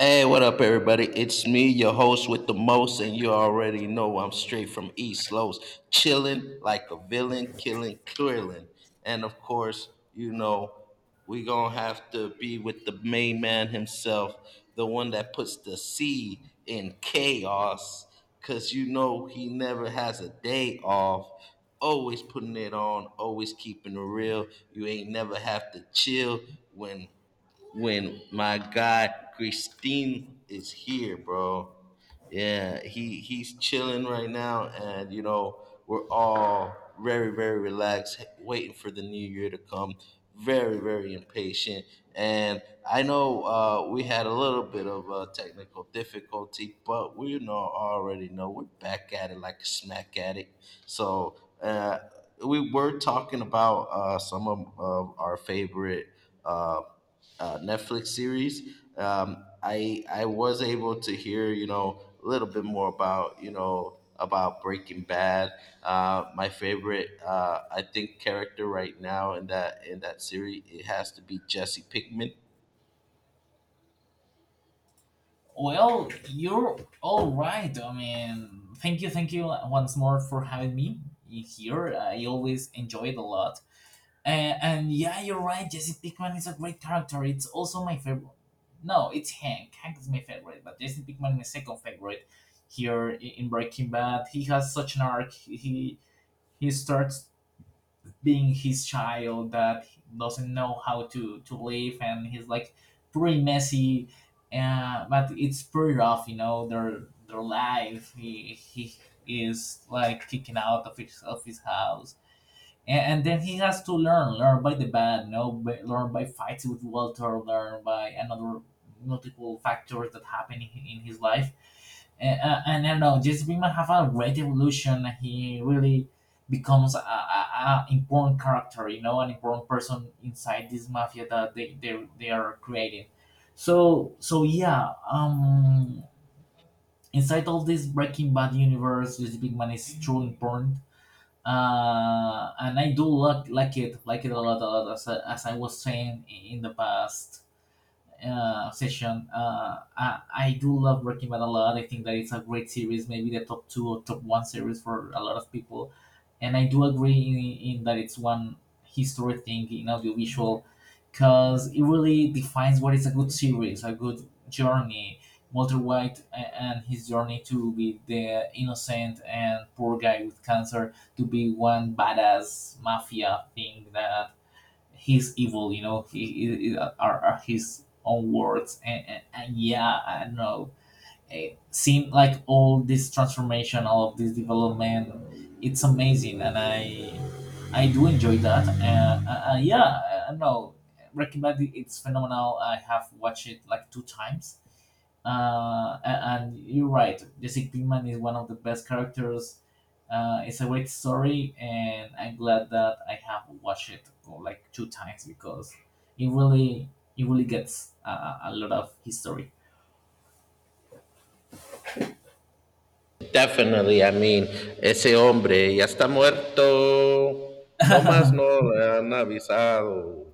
Hey, what up, everybody? It's me, your host with the most, and you already know I'm straight from East Los, chilling like a villain, killing, killing. And of course, you know, we gonna have to be with the main man himself, the one that puts the C in chaos, cause he never has a day off. Always putting it on, always keeping it real. You ain't never have to chill when when my guy Christine is here, bro. Yeah, he's chilling right now, and we're all very very relaxed, waiting for the new year to come. Very very impatient, and I know, we had a little bit of technical difficulty, but we know already know we're back at it like a smack at it. So we were talking about some of our favorite uh, Netflix series. I was able to hear a little bit more about you know about Breaking Bad. My favorite, I think, character right now in that series, it has to be Jesse Pinkman. Well, you're all right. I mean, thank you once more for having me here. I always enjoy it a lot. Uh, and yeah, you're right. Jesse Pickman is a great character. It's also my favorite. No, it's Hank. Hank is my favorite, but Jesse Pickman is my second favorite here in Breaking Bad. He has such an arc. He starts being his child that doesn't know how to live, and he's like pretty messy, but it's pretty rough, you know, their life. He is like kicking out of his house, and then he has to learn by the bad, you know, by, learn by fights with Walter, learn by another multiple factors that happen in his life. And I don't know, Jesse Pinkman have a great evolution. He really becomes a important character, you know, an important person inside this mafia that they are creating. So yeah, inside all this Breaking Bad universe, Jesse Pinkman is truly important, and I do like it, it a lot, a lot. As I was saying in the past session, I do love Breaking Bad a lot. I think that it's a great series, maybe the top two or top one series for a lot of people, and I do agree in that it's one history thing in audiovisual because it really defines what is a good series, a good journey. Walter White and his journey to be the innocent and poor guy with cancer to be one badass mafia thing that he's evil, you know, are his own words. And yeah, I don't know. It seemed like all this transformation, all of this development, it's amazing. And I do enjoy that. Yeah, I don't know. Recommend it. It's phenomenal. I have watched it like two times. Uh, and you're right. Jesse Pinkman is one of the best characters. It's a great story, and I'm glad that I have watched it, oh, like two times because it really, it really gets a lot of history. Definitely, I mean, ese hombre ya está muerto. No más no le han avisado.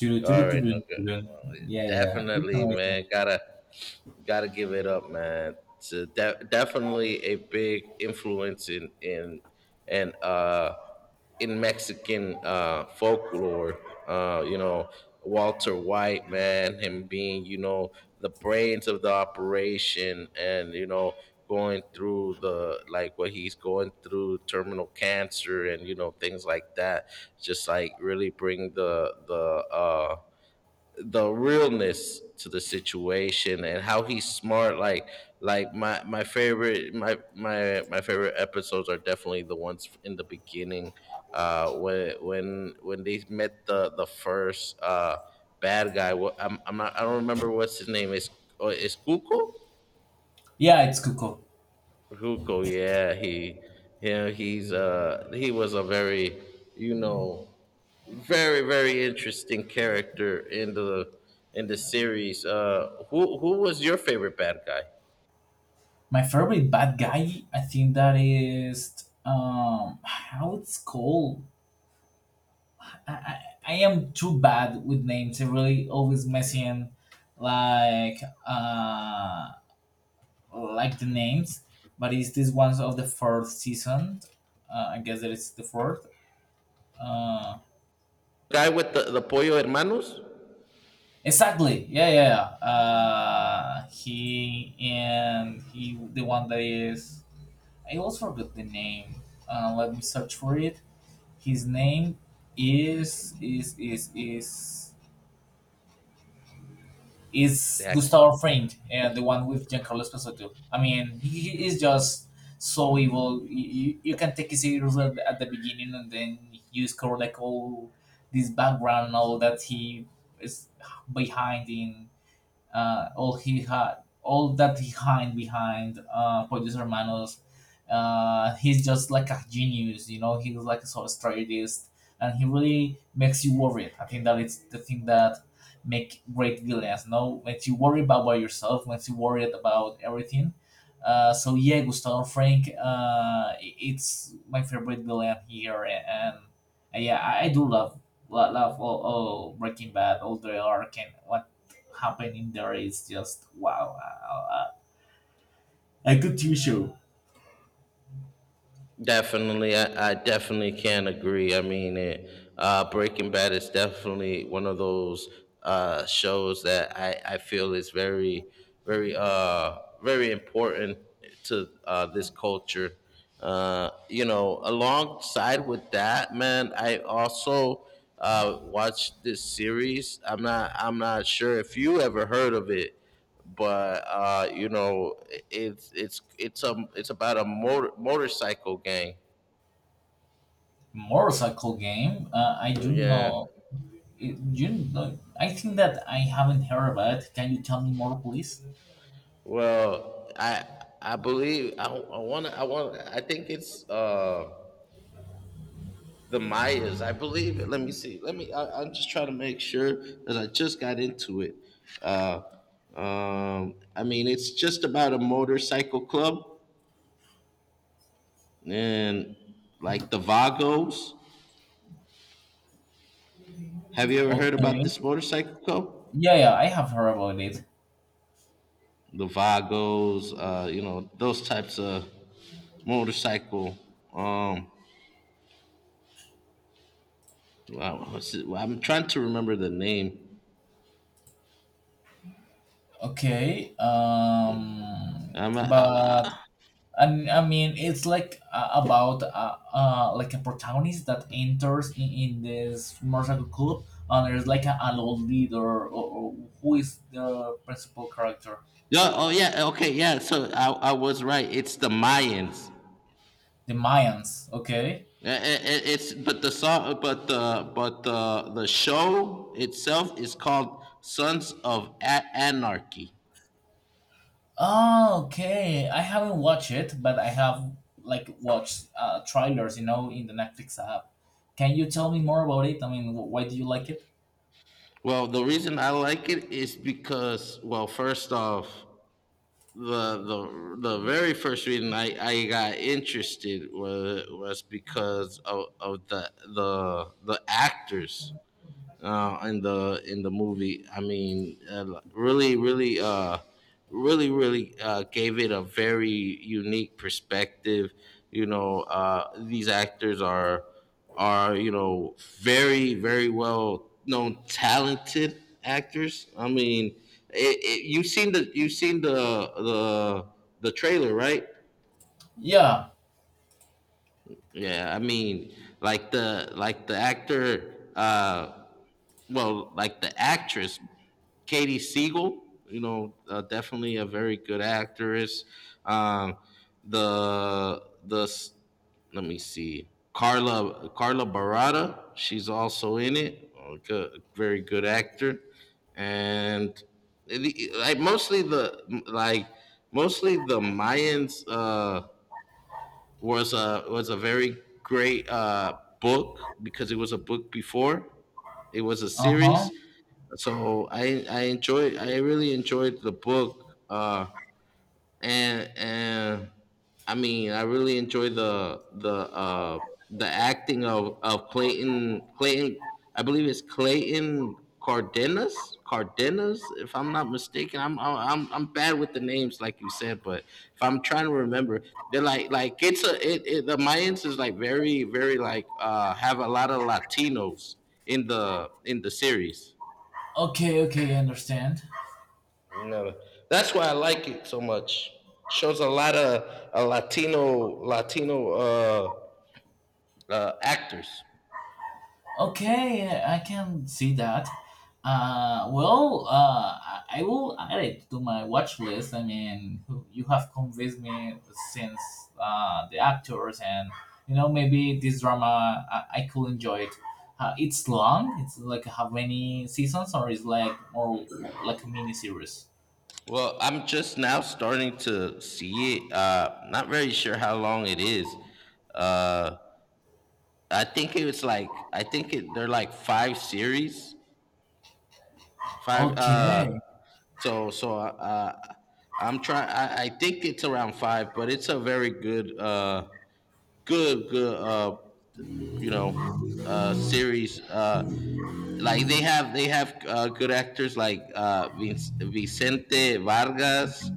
Yeah, Tudu, tudu, All right, tudu, no good. tudu. Well, Yeah, yeah. It's definitely, nice. man. Got to give it up, man. It's definitely a big influence and uh, in Mexican folklore. Uh, you know, Walter White, man, him being the brains of the operation, and going through the like what he's going through terminal cancer and things like that just like really bring the realness to the situation and how he's smart, like my favorite episodes are definitely the ones in the beginning when they met the first bad guy. I don't remember what's his name is. Oh, is kuko. Yeah, it's Kuko. Hugo, yeah, yeah, he was a very, you know, very very interesting character in the series. Who was your favorite bad guy? My favorite bad guy, I think that is, how it's called. I, I, I am too bad with names. I really always messing, like, uh like the names. But it's this one of the fourth season. I guess that it's the fourth. Uh, Guy with the Pollo Hermanos? exactly. Yeah. He the one that is. I also forgot the name. Let me search for it. His name is is is is is Heck. Gustavo Fring, the one with Giancarlo Esposito. I mean, he is just so evil. You can take it seriously at the beginning, and then you discover like all this background and all that he is behind in, all he had, all that he hid behind, Pollos Hermanos. He's just like a genius, you know. He's like a sort of strategist, and he really makes you worried. I think that it's the thing that make great villains. No, makes you worried about by yourself, makes you worried about everything. So yeah, Gustavo Frank, I- it's my favorite villain here, and yeah, I do love love all Breaking Bad, all the arc, and what happening there is just wow, a good TV show. Definitely, I definitely can agree. I mean, Breaking Bad is definitely one of those shows that I feel is very, very, very important to this culture. Alongside with that, man, I also watched this series. I'm not sure if you ever heard of it, but it's about a motorcycle gang. Motorcycle game. I do Yeah. not. You don't- I think that I haven't heard about it. Can you tell me more, please? Well, I believe I want to I want I think it's the Mayas. I believe it. Let me see. Let me. I'm just trying to make sure because I just got into it. Uh, I mean, it's just about a motorcycle club, and like the Vagos. Have you ever heard about Okay. this motorcycle club? Yeah, yeah, I have heard about it. The Vagos, those types of motorcycle. Um, wow, what's it? Well, I'm trying to remember the name. Okay. Um, I'm, I'm, but uh, and I mean, it's like, about, like a protagonist that enters in this motorcycle club, and there's like a, an old leader, or who is the principal character. yeah, oh yeah, okay, yeah. So I was right. It's the Mayans. The Mayans, okay. It's but the song, but the show itself is called Sons of Anarchy. Oh, okay. I haven't watched it, but I have like watched, trailers, you know, in the Netflix app. Can you tell me more about it? I mean, why do you like it? Well, the reason I like it is because, well, first off, the very first reading, I got interested was because of the actors in the movie. I mean, like, really, really, really, really gave it a very unique perspective. You know, these actors are very very well known talented actors. I mean, you've seen the you've seen the the trailer, right? Yeah. Yeah, I mean, like the actor. Well, like the actress Katie Siegel, definitely a very good actress. Um, the Let me see, Carla Barada, she's also in it. A very good actor, and like mostly like the Mayans was a very great book, because it was a book before it was a Uh huh. series, so I really enjoyed the book. Uh, and I mean, I really enjoy the acting of Clayton. I believe it's Clayton Cardenas. Cardenas, if I'm not mistaken. I'm bad with the names, like you said, but if I'm trying to remember, they're like it's a it, it the Mayans is like very very like, have a lot of Latinos in the series. Okay, okay, I understand. Never. That's why I like it so much. Shows a lot of Latino actors. Okay, I can see that. Well, I will add it to my watch list. I mean, you have convinced me since, the actors, and, you know, maybe this drama I could enjoy it. It's long. It's like how many seasons, or is like more, more like a mini series? Well, I'm just now starting to see it. Not very sure how long it is. Uh, I think it was like I think it, they're like five series, five. Okay, so so uh, uh, I'm trying. I think it's around five, but it's a very good, good, good, you know, series. Like they have good actors like Vicente Vargas,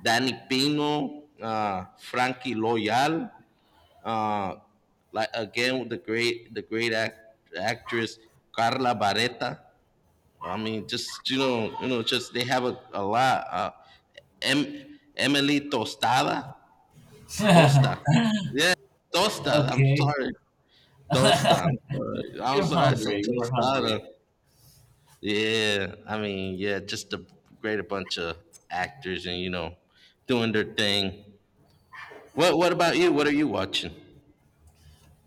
Danny Pino, Frankie Loyal. Uh, like again with the great actress Carla Barretta. I mean, just just they have a lot. Emily Tostada, Tosta, yeah, Tosta. I'm okay. sorry, Tosta. I'm sorry. I'm You're sorry. I said hungry. You're Tostada. hungry. Yeah, I mean, yeah, just a bunch of actors, and doing their thing. What about you? What are you watching?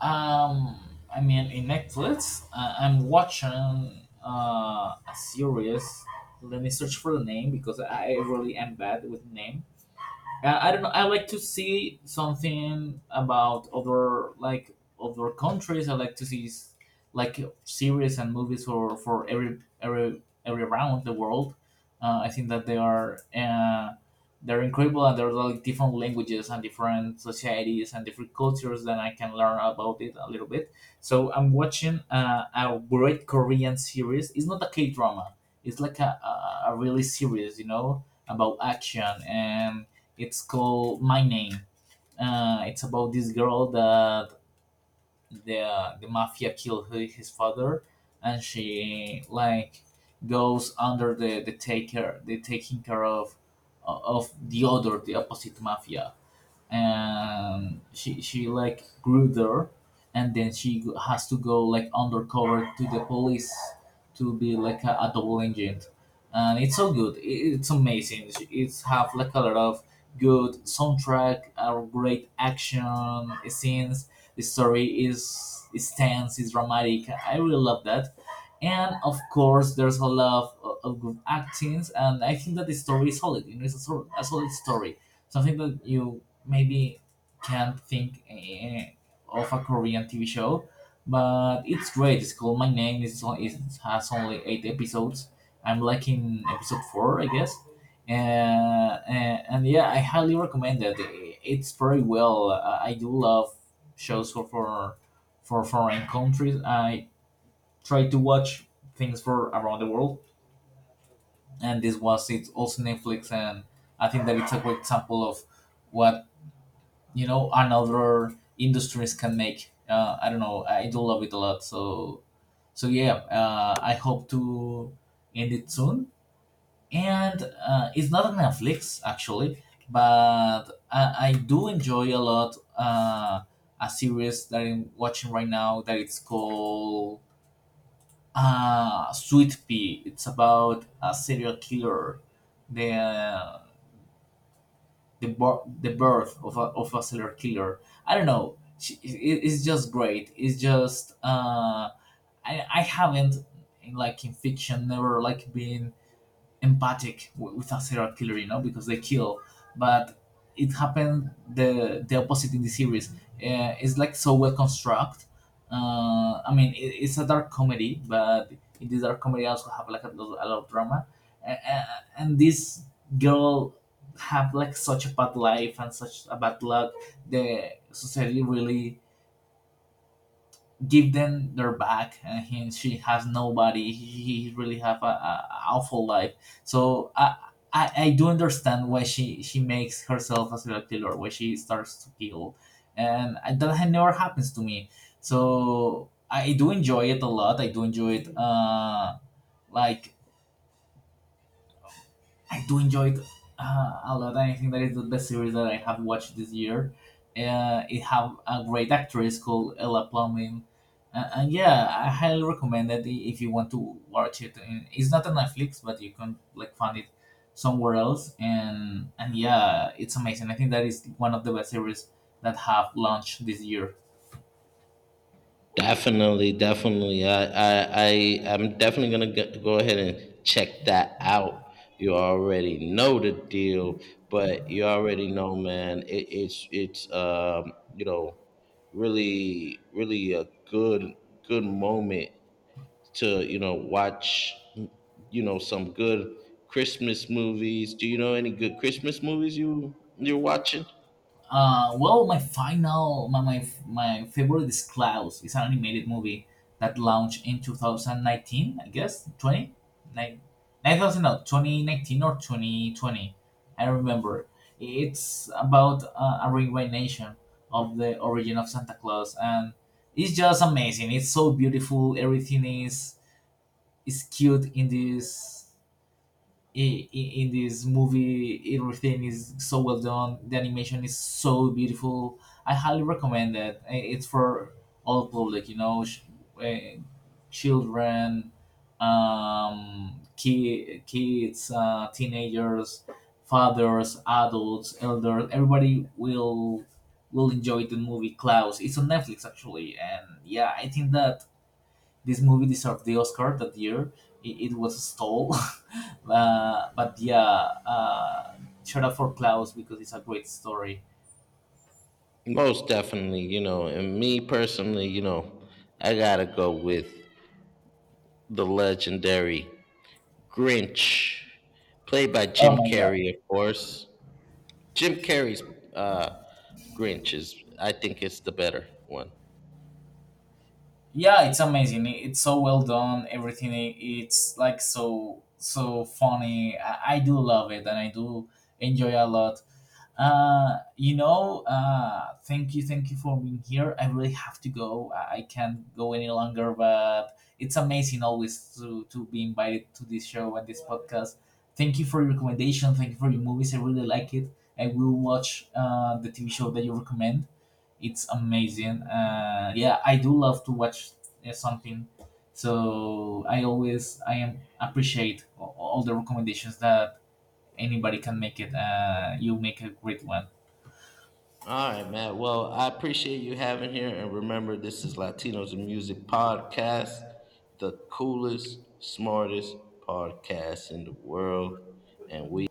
Um, I mean, in Netflix, I'm watching, a series. Let me search for the name because I really am bad with names. Yeah, I don't know. I like to see something about other, like, other countries. I like to see like series and movies for every every around the world. I think that they are, they're incredible, and there's like different languages and different societies and different cultures that I can learn about it a little bit. So I'm watching, a great Korean series. It's not a K drama. It's like a really series, you know, about action, and it's called My Name. It's about this girl that the mafia killed her, his father, and she like goes under the taker the taking care of the other, the opposite mafia, and she like grew there, and then has to go like undercover to the police to be like a double agent, and it's so good. It's amazing. It's have like a lot of good soundtrack or great action scenes. The story is tense, is dramatic. I really love that, and of course there's a lot of good actings, and I think that the story is solid, you know. It's a solid story, something that you maybe can't think, of a Korean TV show, but it's great. It's called My Name. It has only eight episodes. I'm liking episode four, I guess. And yeah, I highly recommend it. It's very well. I do love shows for foreign countries. I try to watch things for around the world, and this was it's also Netflix, and I think that it's a good example of what, you know, and other industries can make. I don't know, I do love it a lot, so yeah. I hope to end it soon, and it's not on Netflix actually, but I do enjoy a lot, a series that I'm watching right now that it's called, Sweet Pea. It's about a serial killer, the the birth of of a serial killer. I don't know. It, it's just great. It's just, I haven't, in, like, in fiction, never like been empathic with a serial killer, you know, because they kill. But it happened, the opposite in the series. It's like so well constructed. I mean, it, it's a dark comedy, but in this dark comedy also have like a lot of drama. Uh, uh, and this girl have like such a bad life and such a bad luck. The society really give them their back, and she has nobody. He really have a awful life, so I do understand why she makes herself a serial killer, why she starts to kill, and that had never happens to me, so I do enjoy it a lot. I do enjoy it, like I do enjoy it, a lot. I think that is the best series that I have watched this year. It have a great actress called Ella Plumbing. And yeah, I highly recommend it if you want to watch it. And it's not on Netflix, but you can like find it somewhere else. And yeah, it's amazing. I think that is one of the best series that have launched this year. Definitely, definitely. I'm definitely gonna go ahead and check that out. You already know the deal, but you already know, man. It, it's, you know, Really, really a good, good moment to watch some good Christmas movies. Do you know any good Christmas movies you're watching? Well, my final, my favorite is Klaus. It's an animated movie that launched in 2019, I guess, 29, 9000, no, 2019 or 2020. I don't remember. It's about, a reincarnation of the origin of Santa Claus, and it's just amazing. It's so beautiful. Everything is cute in this, in this movie. Everything is so well done. The animation is so beautiful. I highly recommend it. It's for all public, you know. Uh, Children, kids, teenagers, fathers, adults, elders, everybody will enjoy the movie Klaus. It's on Netflix actually, and yeah, I think that this movie deserved the Oscar that year. It was stole, but yeah, uh, shout out for Klaus because it's a great story. Most definitely, and me personally, I gotta go with the legendary Grinch, played by Oh Jim my god! Carrey, of course. Jim Carrey's uh, Grinch I think, it's the better one. Yeah, it's amazing. It's so well done. Everything. It's like so so funny. I do love it, and I do enjoy a lot. Thank you for being here. I really have to go. I can't go any longer, but it's amazing always to be invited to this show and this podcast. Thank you for your recommendation. Thank you for your movies. I really like it. I will watch, the TV show that you recommend. It's amazing. Yeah, I do love to watch, something. So I am appreciate all the recommendations that anybody can make it. You make a great one. All right, Matt. Well, I appreciate you having here. And remember, this is Latinos in Music Podcast, the coolest, smartest podcast in the world. And we